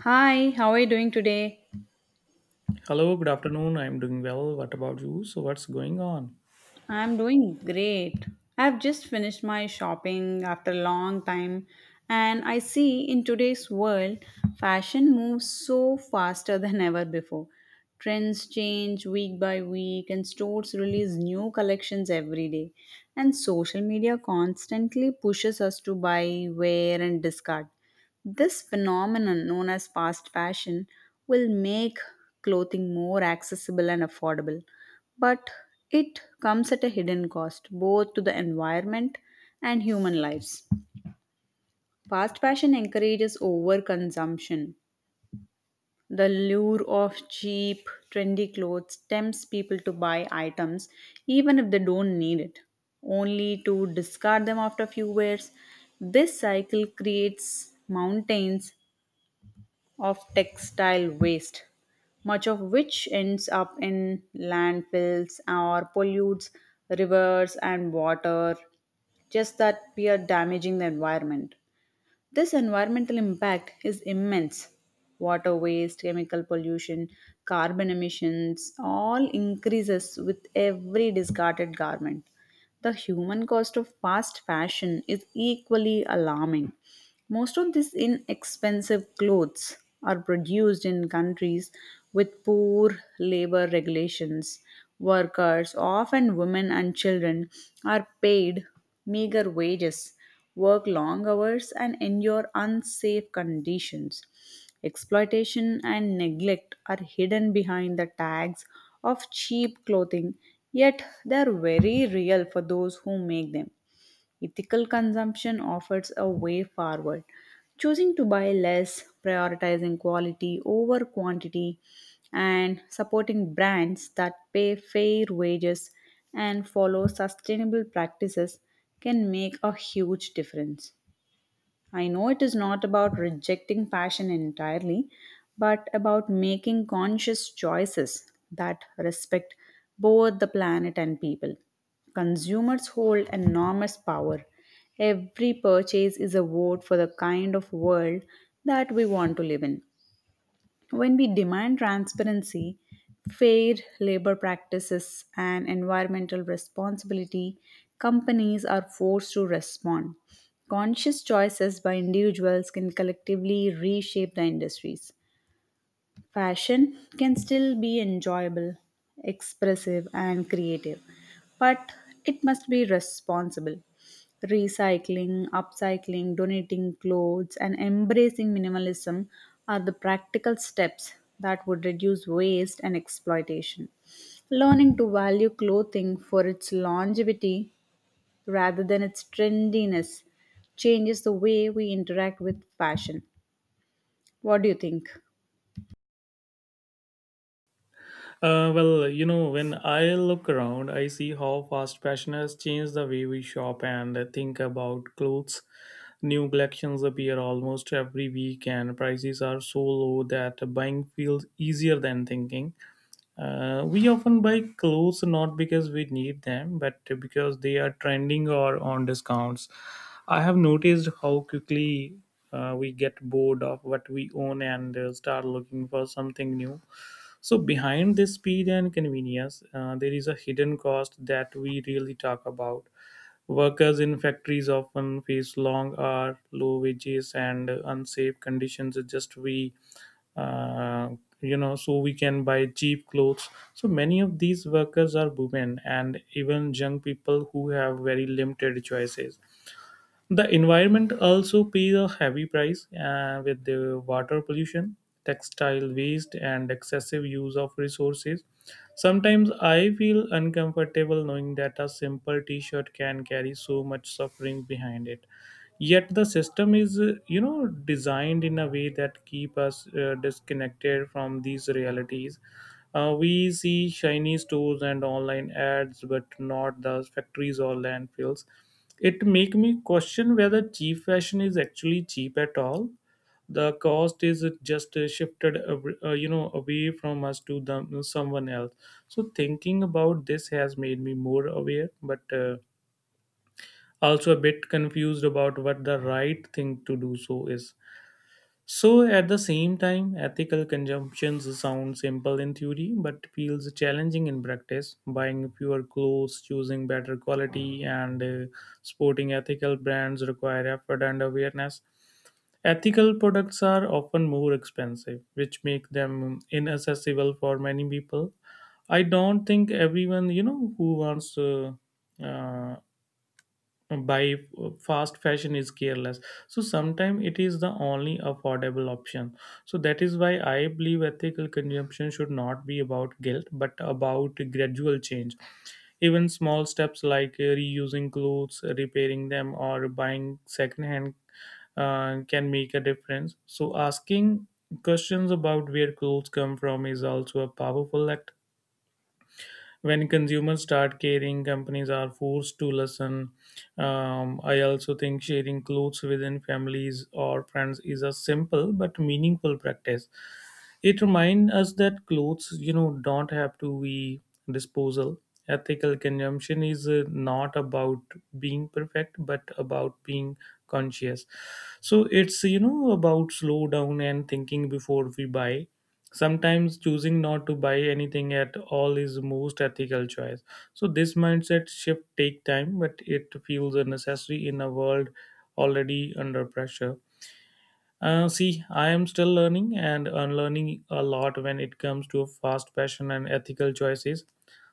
Hi, how are you doing today? Hello, good afternoon. I'm doing well. What about you? So, what's going on? I'm doing great. I've just finished my shopping after a long time, and I see in today's world, fashion moves so faster than ever before. Trends change week by week, and stores release new collections every day. And social media constantly pushes us to buy, wear, and discard. This phenomenon, known as fast fashion, will make clothing more accessible and affordable, but it comes at a hidden cost both to the environment and human lives. Fast fashion encourages overconsumption. The lure of cheap, trendy clothes tempts people to buy items even if they don't need it, only to discard them after a few wears. This cycle creates mountains of textile waste, much of which ends up in landfills or pollutes rivers and water, just that we are damaging the environment. This environmental impact is immense. Water waste, chemical pollution, carbon emissions all increases with every discarded garment. The human cost of fast fashion is equally alarming. Most of these inexpensive clothes are produced in countries with poor labor regulations. Workers, often women and children, are paid meager wages work long hours, and endure unsafe conditions. Exploitation and neglect are hidden behind the tags of cheap clothing, yet they are very real for those who make them. Ethical consumption offers a way forward. Choosing to buy less, prioritizing quality over quantity, and supporting brands that pay fair wages and follow sustainable practices can make a huge difference. I know it is not about rejecting passion entirely, but about making conscious choices that respect both the planet and people. Consumers hold enormous power. Every purchase is a vote for the kind of world that we want to live in. When we demand transparency, fair labor practices, and environmental responsibility, companies are forced to respond. Conscious choices by individuals can collectively reshape the industries. Fashion can still be enjoyable, expressive, and creative, but it must be responsible. Recycling, upcycling, donating clothes, and embracing minimalism are the practical steps that would reduce waste and exploitation. Learning to value clothing for its longevity rather than its trendiness changes the way we interact with fashion. What do you think? Well, when I look around, I see how fast fashion has changed the way we shop and think about clothes. New collections appear almost every week, and prices are so low that buying feels easier than thinking. We often buy clothes not because we need them, but because they are trending or on discounts. I have noticed how quickly we get bored of what we own and start looking for something new. So, behind this speed and convenience, there is a hidden cost that we really talk about. Workers in factories often face long hours, low wages, and unsafe conditions just we uh, so we can buy cheap clothes. So many of these workers are women and even young people who have very limited choices. The environment also pays a heavy price with the water pollution, textile waste, and excessive use of resources. Sometimes I feel uncomfortable knowing that a simple t shirt can carry so much suffering behind it. Yet the system is, designed in a way that keep us disconnected from these realities. We see shiny stores and online ads, but not the factories or landfills. It make me question whether cheap fashion is actually cheap at all. The cost is just shifted, away from us to them, someone else. So thinking about this has made me more aware, but also a bit confused about what the right thing to do so is. So, at the same time, ethical consumptions sound simple in theory but feels challenging in practice. Buying fewer clothes, choosing better quality, and sporting ethical brands require effort and awareness. Ethical products are often more expensive, which make them inaccessible for many people. I don't think everyone, who wants uh, buy fast fashion is careless. So sometimes it is the only affordable option. So that is why I believe ethical consumption should not be about guilt but about gradual change. Even small steps like reusing clothes, repairing them, or buying secondhand can make a difference. So asking questions about where clothes come from is also a powerful act. When consumers start caring, companies are forced to listen. I also think sharing clothes within families or friends is a simple but meaningful practice. It reminds us that clothes don't have to be disposal. Ethical consumption is not about being perfect but about being conscious. So it's about slow down and thinking before we buy. Sometimes choosing not to buy anything at all is most ethical choice. So this mindset shift take time, but it feels necessary in a world already under pressure. See, I am still learning and unlearning a lot when it comes to fast fashion and ethical choices.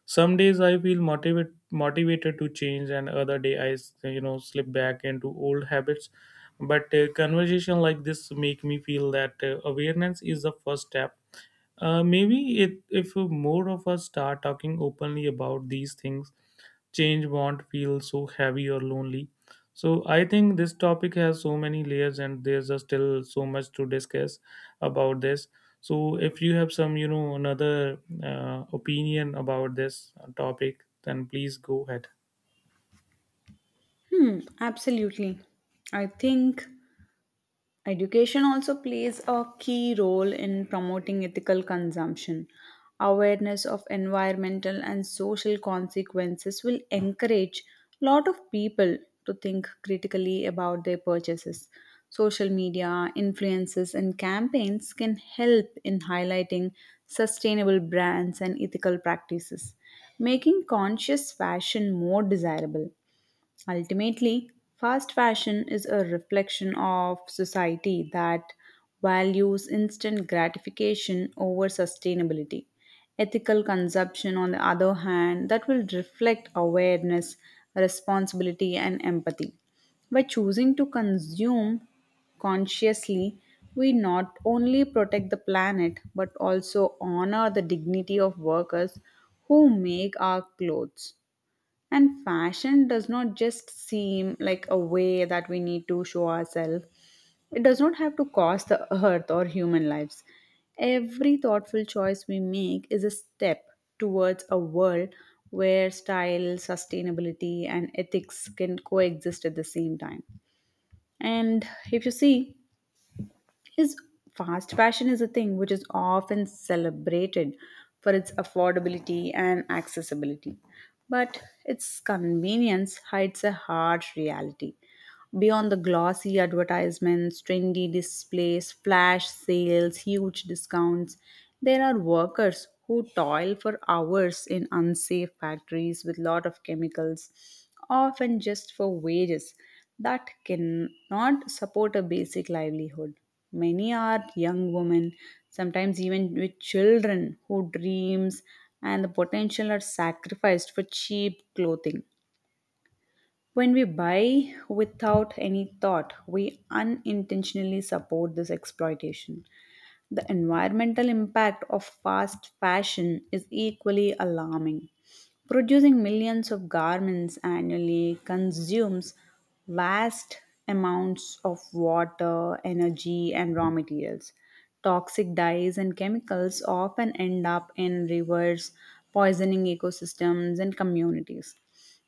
Some days I feel motivated to change, and other day I slip back into old habits. But conversation like this make me feel that awareness is the first step. Maybe if more of us start talking openly about these things, change won't feel so heavy or lonely. So I think this topic has so many layers and there's a still so much to discuss about this. So if you have some, another opinion about this topic, then please go ahead. Hmm, absolutely. I think education also plays a key role in promoting ethical consumption. Awareness of environmental and social consequences will encourage a lot of people to think critically about their purchases. Social media, influences, and campaigns can help in highlighting sustainable brands and ethical practices, making conscious fashion more desirable. Ultimately, fast fashion is a reflection of society that values instant gratification over sustainability. Ethical consumption, on the other hand, that will reflect awareness, responsibility, and empathy. By choosing to consume consciously, we not only protect the planet but also honor the dignity of workers who make our clothes. And fashion does not just seem like a way that we need to show ourselves. It does not have to cost the earth or human lives. Every thoughtful choice we make is a step towards a world where style, sustainability, and ethics can coexist at the same time. And if you see, is fast fashion is a thing which is often celebrated for its affordability and accessibility, but its convenience hides a harsh reality beyond the glossy advertisements, trendy displays, flash sales, huge discounts. There are workers who toil for hours in unsafe factories with lot of chemicals, often just for wages that cannot support a basic livelihood. Many are young women, sometimes even with children, who dreams and the potential are sacrificed for cheap clothing. When we buy without any thought, we unintentionally support this exploitation. The environmental impact of fast fashion is equally alarming. Producing millions of garments annually consumes vast amounts of water, energy, and raw materials. Toxic dyes and chemicals often end up in rivers, poisoning ecosystems and communities.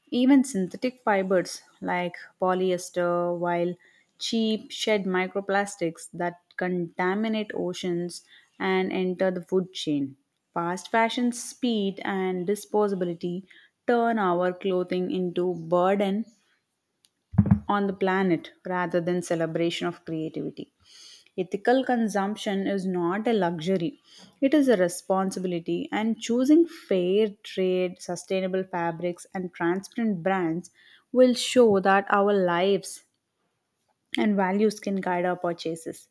Even synthetic fibers like polyester, while cheap, shed microplastics that contaminate oceans and enter the food chain. Fast fashion, speed and disposability turn our clothing into burden on the planet rather than celebration of creativity. Ethical consumption is not a luxury, it is a responsibility, and choosing fair trade, sustainable fabrics, and transparent brands will show that our lives and values can guide our purchases.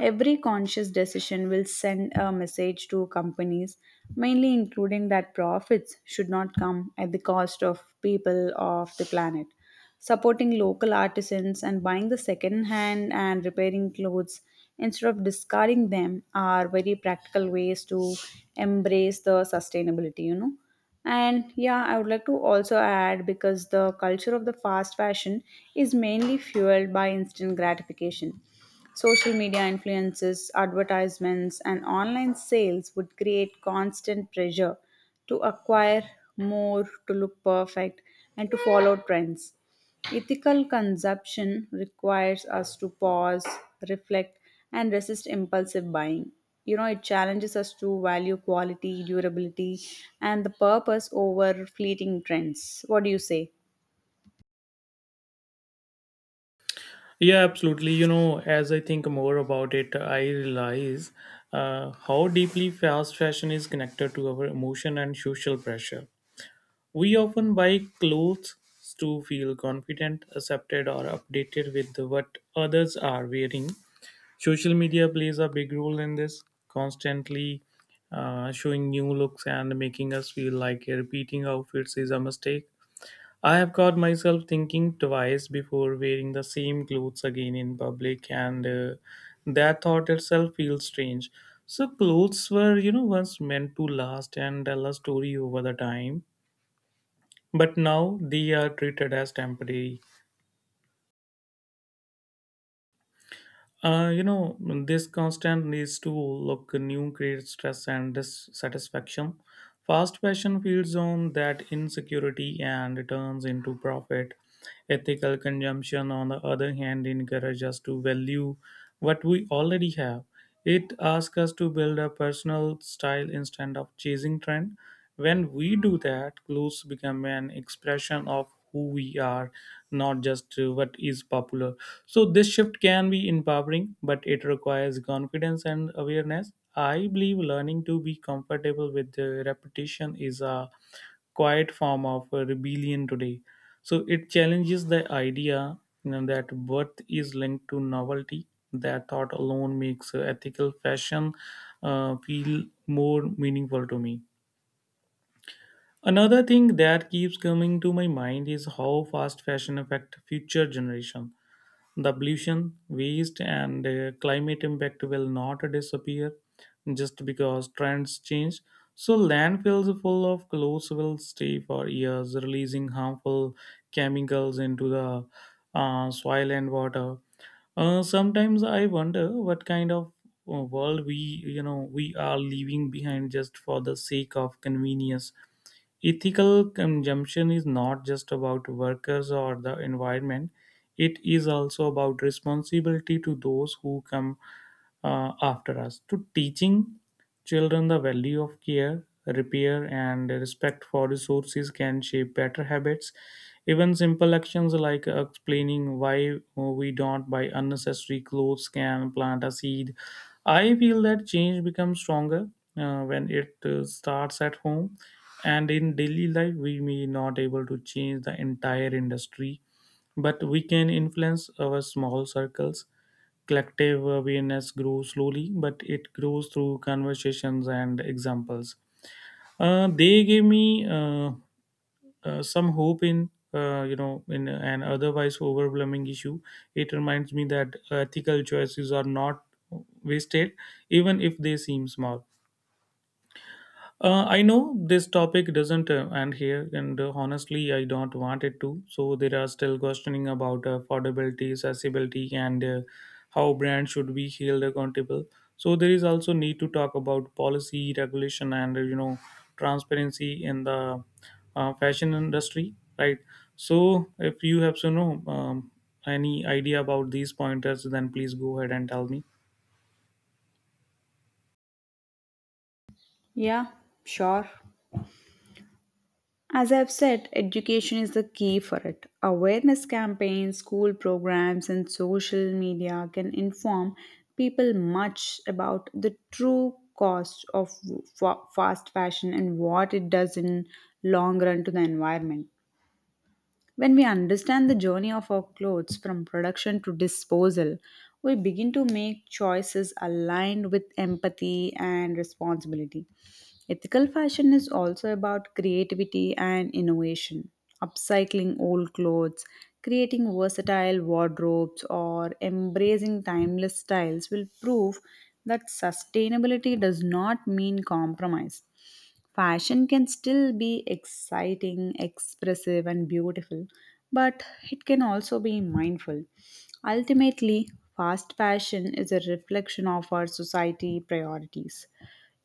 Every conscious decision will send a message to companies, mainly including that profits should not come at the cost of people of the planet. Supporting local artisans and buying the second hand and repairing clothes instead of discarding them are very practical ways to embrace the sustainability. And yeah, I would like to also add because the culture of the fast fashion is mainly fueled by instant gratification. Social media influences, advertisements, and online sales would create constant pressure to acquire more, to look perfect, and to follow trends. Ethical consumption requires us to pause, reflect, and resist impulsive buying. You know, it challenges us to value quality, durability, and the purpose over fleeting trends. What do you say? Yeah, absolutely. As I think more about it, I realize how deeply fast fashion is connected to our emotion and social pressure. We often buy clothes to feel confident, accepted, or updated with what others are wearing. Social media plays a big role in this, constantly showing new looks and making us feel like repeating outfits is a mistake. I have caught myself thinking twice before wearing the same clothes again in public, and that thought itself feels strange. So, clothes were, once meant to last and tell a story over the time, but now they are treated as temporary. Uh, you know, this constant needs to look new creates stress and dissatisfaction. Fast fashion feeds on that insecurity and turns into profit. Ethical consumption, on the other hand, encourages us to value what we already have. It asks us to build a personal style instead of chasing trend. When we do that, clothes become an expression of who we are, not just what is popular. So this shift can be empowering, but it requires confidence and awareness. I believe learning to be comfortable with the repetition is a quiet form of rebellion today. So it challenges the idea that worth is linked to novelty. That thought alone makes ethical fashion feel more meaningful to me. Another thing that keeps coming to my mind is how fast fashion affect future generation. The pollution, waste, and climate impact will not disappear just because trends change. So, landfills full of clothes will stay for years, releasing harmful chemicals into the soil and water. Sometimes I wonder what kind of world we are leaving behind just for the sake of convenience. Ethical consumption is not just about workers or the environment, it is also about responsibility to those who come after us, to teaching children the value of care, repair, and respect for resources can shape better habits. Even simple actions like explaining why we don't buy unnecessary clothes can plant a seed. I feel that change becomes stronger when it starts at home. And in daily life, we may not able to change the entire industry, but we can influence our small circles. Collective awareness grows slowly, but it grows through conversations and examples. They gave me some hope in you know in an otherwise overwhelming issue. It reminds me that ethical choices are not wasted even if they seem small. I know this topic doesn't end here, and honestly, I don't want it to. So there are still questioning about affordability, accessibility, and how brands should be held accountable. So there is also need to talk about policy, regulation, and transparency in the fashion industry, right? So if you have to know any idea about these pointers, then please go ahead and tell me. Yeah, sure. As I've said, education is the key for it. Awareness campaigns, school programs, and social media can inform people much about the true cost of fast fashion and what it does in long run to the environment. When we understand the journey of our clothes from production to disposal, we begin to make choices aligned with empathy and responsibility. Ethical fashion is also about creativity and innovation, upcycling old clothes, creating versatile wardrobes, or embracing timeless styles will prove that sustainability does not mean compromise. Fashion can still be exciting, expressive, and beautiful, but it can also be mindful. Ultimately, fast fashion is a reflection of our society priorities.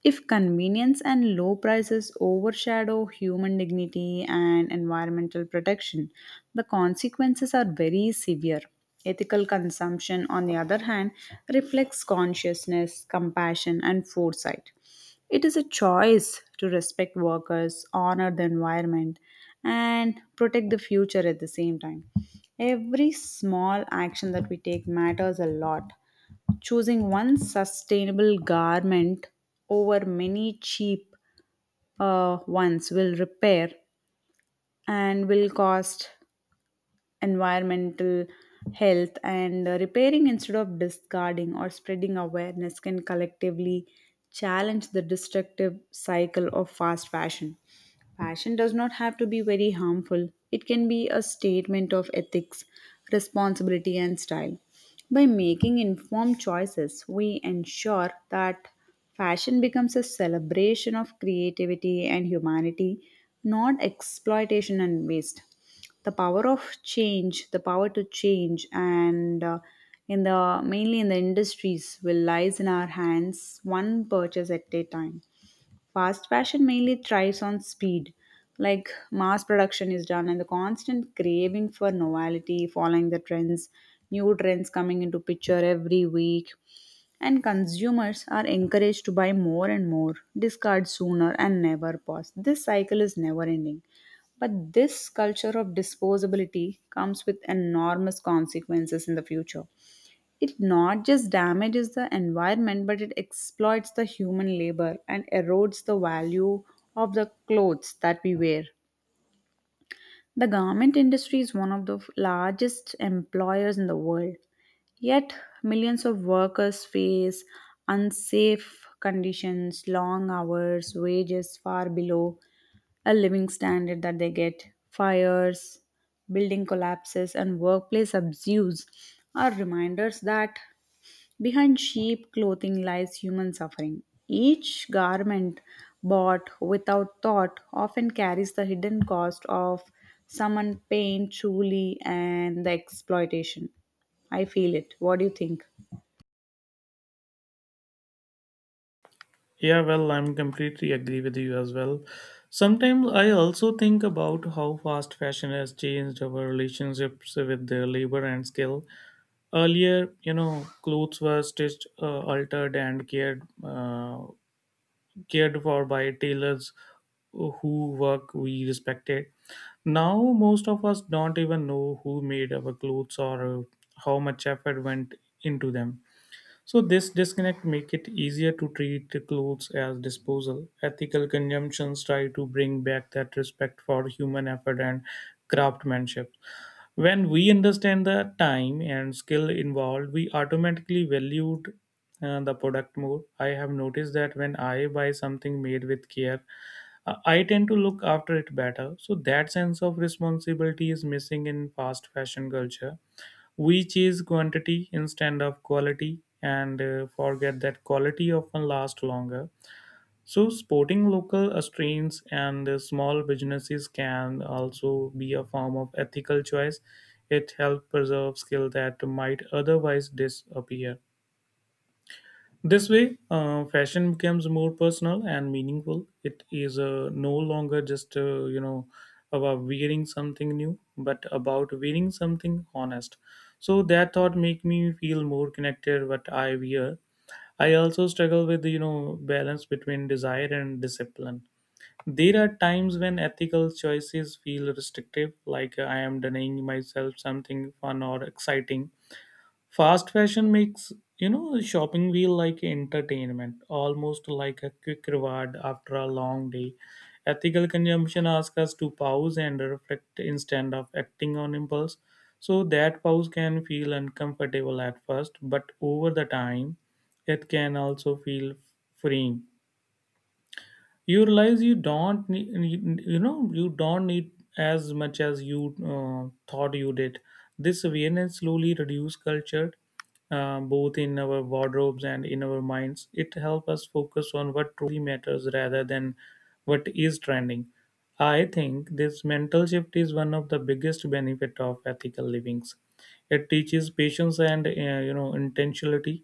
If convenience and low prices overshadow human dignity and environmental protection, the consequences are very severe. Ethical consumption, on the other hand, reflects consciousness, compassion, and foresight. It is a choice to respect workers, honor the environment, and protect the future at the same time. Every small action that we take matters a lot. Choosing one sustainable garment over many cheap ones will repair and will cost environmental health, and repairing instead of discarding or spreading awareness can collectively challenge the destructive cycle of fast fashion. Fashion does not have to be very harmful. It can be a statement of ethics, responsibility, and style. By making informed choices, we ensure that fashion becomes a celebration of creativity and humanity, not exploitation and waste. The power of change, the power to change, and in the mainly in the industries will lies in our hands, one purchase at a time. Fast fashion mainly thrives on speed, like mass production is done, and the constant craving for novelty, following the trends, new trends coming into picture every week. And consumers are encouraged to buy more and more, discard sooner, and never pause. This cycle is never ending. But this culture of disposability comes with enormous consequences in the future. It not just damages the environment, but it exploits the human labor and erodes the value of the clothes that we wear. The garment industry is one of the largest employers in the world. Yet, millions of workers face unsafe conditions, long hours, wages far below a living standard that they get. Fires, building collapses, and workplace abuse are reminders that behind cheap clothing lies human suffering. Each garment bought without thought often carries the hidden cost of someone pain, truly, and the exploitation. I feel it. What do you think? Yeah, well, I'm completely agree with you as well. Sometimes I also think about how fast fashion has changed our relationships with their labor and skill. Earlier, clothes were stitched, altered, and cared for by tailors who work we respected. Now, most of us don't even know who made our clothes or how much effort went into them. So this disconnect make it easier to treat the clothes as disposal. Ethical consumptions try to bring back that respect for human effort and craftsmanship. When we understand the time and skill involved, we automatically valued the product more. I have noticed that when I buy something made with care, I tend to look after it better. So that sense of responsibility is missing in fast fashion culture. We chase quantity instead of quality and forget that quality often lasts longer. So, supporting local strains and small businesses can also be a form of ethical choice. It helps preserve skill that might otherwise disappear. This way, fashion becomes more personal and meaningful. It is no longer just about wearing something new, but about wearing something honest. So that thought make me feel more connected. What I wear, I also struggle with balance between desire and discipline. There are times when ethical choices feel restrictive, like I am denying myself something fun or exciting. Fast fashion makes shopping feel like entertainment, almost like a quick reward after a long day. Ethical consumption asks us to pause and reflect instead of acting on impulse. So that pause can feel uncomfortable at first, but over the time, it can also feel freeing. You realize you don't need as much as you thought you did. This awareness slowly reduce culture both in our wardrobes and in our minds. It helps us focus on what truly matters rather than what is trending. I think this mental shift is one of the biggest benefit of ethical livings. It teaches patience and intentionality.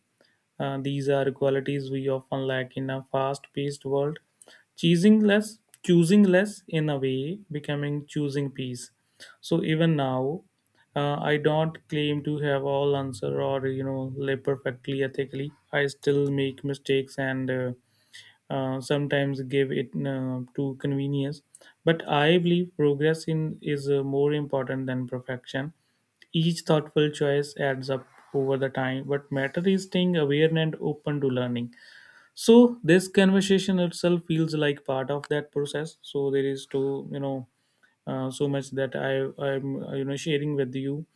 These are qualities we often lack in a fast-paced world. Choosing less, choosing less in a way, becoming choosing peace. So even now, I don't claim to have all answer or live perfectly ethically. I still make mistakes and sometimes give it to convenience. But I believe progress in is more important than perfection. Each thoughtful choice adds up over the time. What matter is staying aware and open to learning. So this conversation itself feels like part of that process. So there is to so much that I'm sharing with you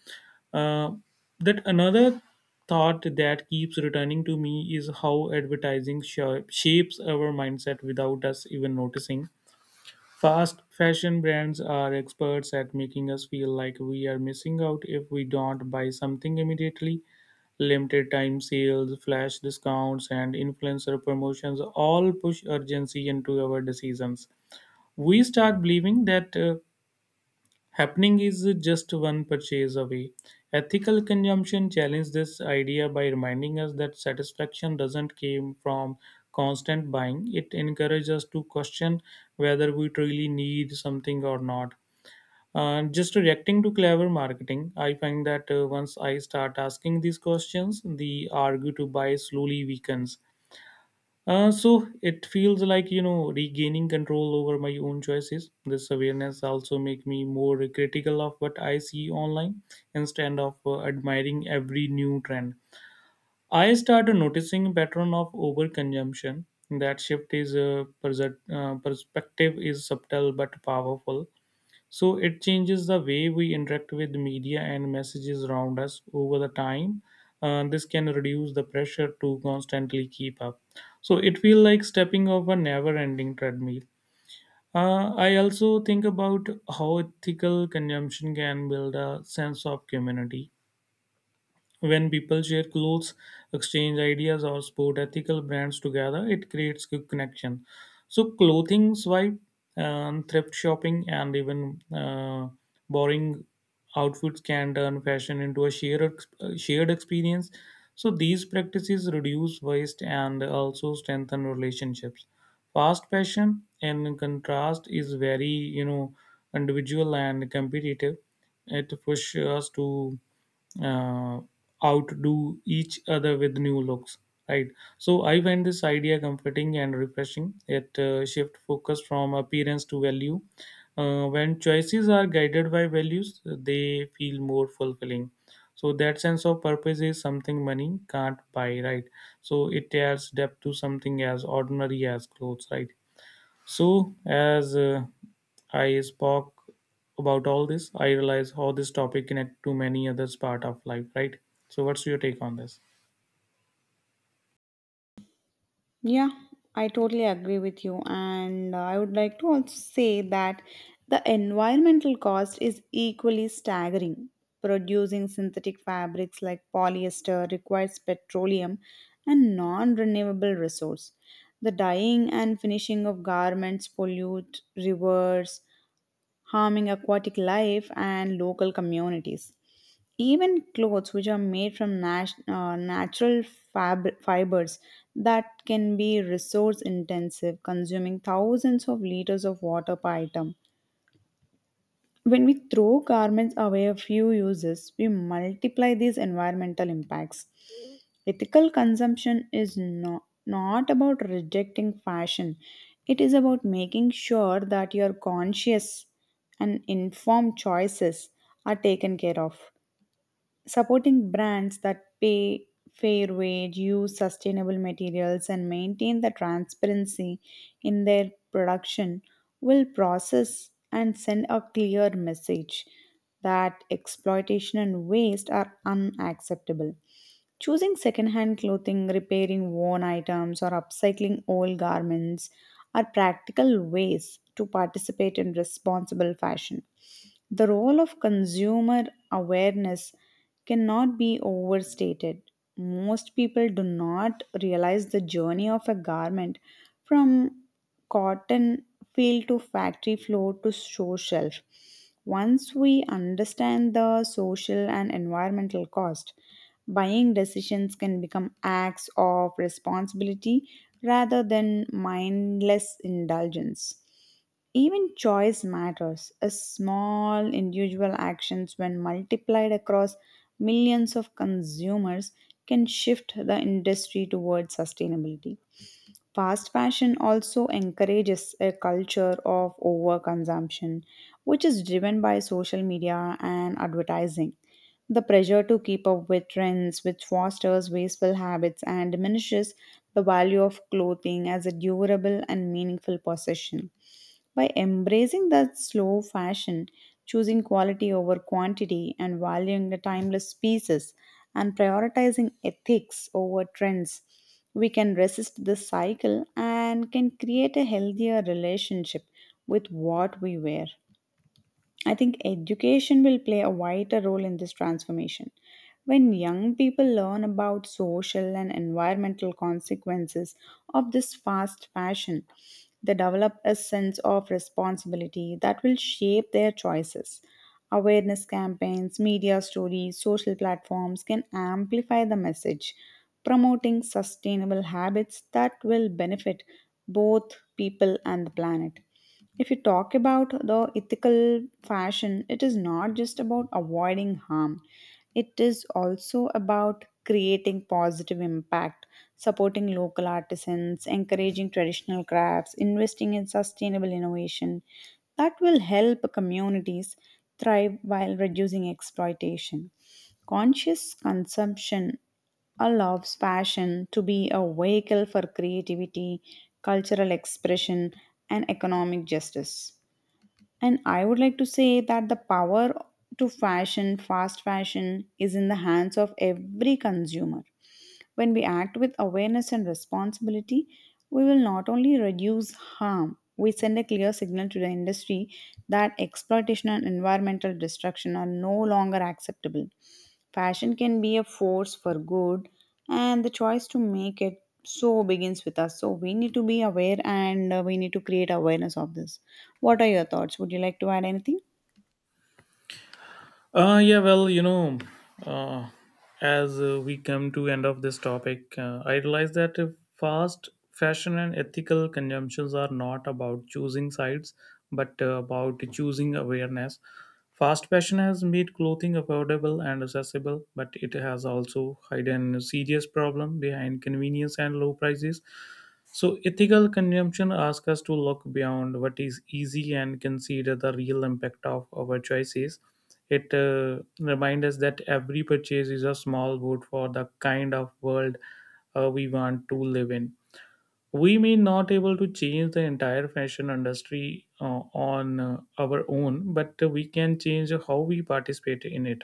uh, that another thought that keeps returning to me is how advertising shapes our mindset without us even noticing. Fast fashion brands are experts at making us feel like we are missing out if we don't buy something immediately. Limited time sales, flash discounts, and influencer promotions all push urgency into our decisions. We start believing that happening is just one purchase away. Ethical consumption challenges this idea by reminding us that satisfaction doesn't come from constant buying. It encourages us to question whether we truly need something or not. Just reacting to clever marketing, I find that once I start asking these questions, the argue to buy slowly weakens. So it feels like you know regaining control over my own choices. This awareness also make me more critical of what I see online instead of admiring every new trend. I started noticing pattern of overconsumption. That shift is perspective is subtle but powerful. So it changes the way we interact with media and messages around us over the time. This can reduce the pressure to constantly keep up. So it feels like stepping off a never-ending treadmill. I also think about how ethical consumption can build a sense of community. When people share clothes, exchange ideas, or support ethical brands together, it creates good connection. So, clothing swipe, thrift shopping, and even borrowing outfits can turn fashion into a shared experience. So, these practices reduce waste and also strengthen relationships. Fast fashion, in contrast, is very individual and competitive. It pushes us to uh, outdo each other with new looks, right. So I find this idea comforting and refreshing. It shift focus from appearance to value. Uh, when choices are guided by values, they feel more fulfilling. So that sense of purpose is something money can't buy, right? So it adds depth to something as ordinary as clothes, right? So, as I spoke about all this, I realize how this topic connect to many others part of life, right? So, what's your take on this? Yeah, I totally agree with you. And I would like to also say that the environmental cost is equally staggering. Producing synthetic fabrics like polyester requires petroleum and non renewable resource. The dyeing and finishing of garments pollute rivers, harming aquatic life and local communities. Even clothes which are made from natural fibers that can be resource intensive, consuming thousands of liters of water per item. When we throw garments away a few uses, we multiply these environmental impacts. Ethical consumption is no, not about rejecting fashion, it is about making sure that your conscious and informed choices are taken care of. Supporting brands that pay fair wage, use sustainable materials, and maintain the transparency in their production will process and send a clear message that exploitation and waste are unacceptable. Choosing secondhand clothing, repairing worn items, or upcycling old garments are practical ways to participate in responsible fashion. The role of consumer awareness cannot be overstated. Most people do not realize the journey of a garment from cotton field to factory floor to store shelf. Once we understand the social and environmental cost, buying decisions can become acts of responsibility rather than mindless indulgence. Even choice matters. A small individual actions when multiplied across millions of consumers can shift the industry towards sustainability. Fast fashion also encourages a culture of overconsumption, which is driven by social media and advertising. The pressure to keep up with trends, which fosters wasteful habits and diminishes the value of clothing as a durable and meaningful possession. By embracing that slow fashion, choosing quality over quantity, and valuing the timeless pieces, and prioritizing ethics over trends, we can resist this cycle and can create a healthier relationship with what we wear. I think education will play a vital role in this transformation. When young people learn about social and environmental consequences of this fast fashion, they develop a sense of responsibility that will shape their choices. Awareness campaigns, media stories, social platforms can amplify the message, promoting sustainable habits that will benefit both people and the planet. If you talk about the ethical fashion, it is not just about avoiding harm, it is also about creating positive impact, supporting local artisans, encouraging traditional crafts, investing in sustainable innovation. That will help communities thrive while reducing exploitation. Conscious consumption allows passion to be a vehicle for creativity, cultural expression, and economic justice. And I would like to say that the power to fashion, fast fashion, is in the hands of every consumer. When we act with awareness and responsibility, we will not only reduce harm, we send a clear signal to the industry that exploitation and environmental destruction are no longer acceptable. Fashion can be a force for good, and the choice to make it so begins with us. So, we need to be aware and we need to create awareness of this. What are your thoughts? Would you like to add anything? Yeah, well, you know, uh, as we come to end of this topic, I realize that if fast fashion and ethical consumptions are not about choosing sides, but about choosing awareness. Fast fashion has made clothing affordable and accessible, but it has also hidden a serious problem behind convenience and low prices. So, ethical consumption asks us to look beyond what is easy and consider the real impact of our choices. It reminds us that every purchase is a small vote for the kind of world we want to live in. We may not able to change the entire fashion industry on our own, but we can change how we participate in it.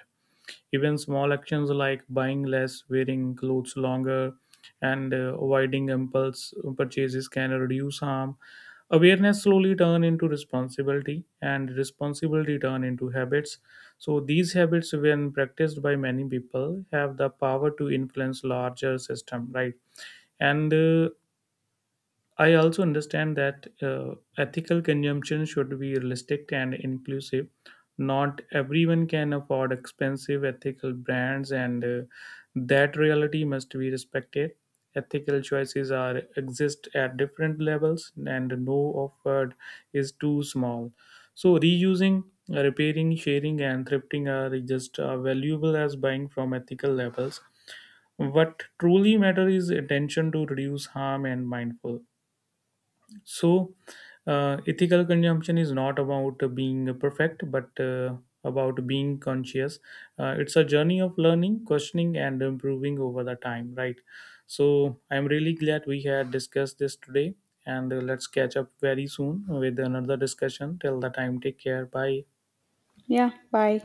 Even small actions like buying less, wearing clothes longer, and avoiding impulse purchases can reduce harm. Awareness slowly turn into responsibility, and responsibility turn into habits. So these habits, when practiced by many people, have the power to influence larger system, right? And I also understand that ethical consumption should be realistic and inclusive. Not everyone can afford expensive ethical brands, and that reality must be respected. Ethical choices are exist at different levels, and no offered is too small. So reusing, repairing, sharing, and thrifting are just as valuable as buying from ethical levels. What truly matters is attention to reduce harm and mindful. So, ethical consumption is not about being perfect, but about being conscious. It's a journey of learning, questioning, and improving over the time, right? So, I'm really glad we had discussed this today, and let's catch up very soon with another discussion. Till the time, take care. Bye. Yeah, bye.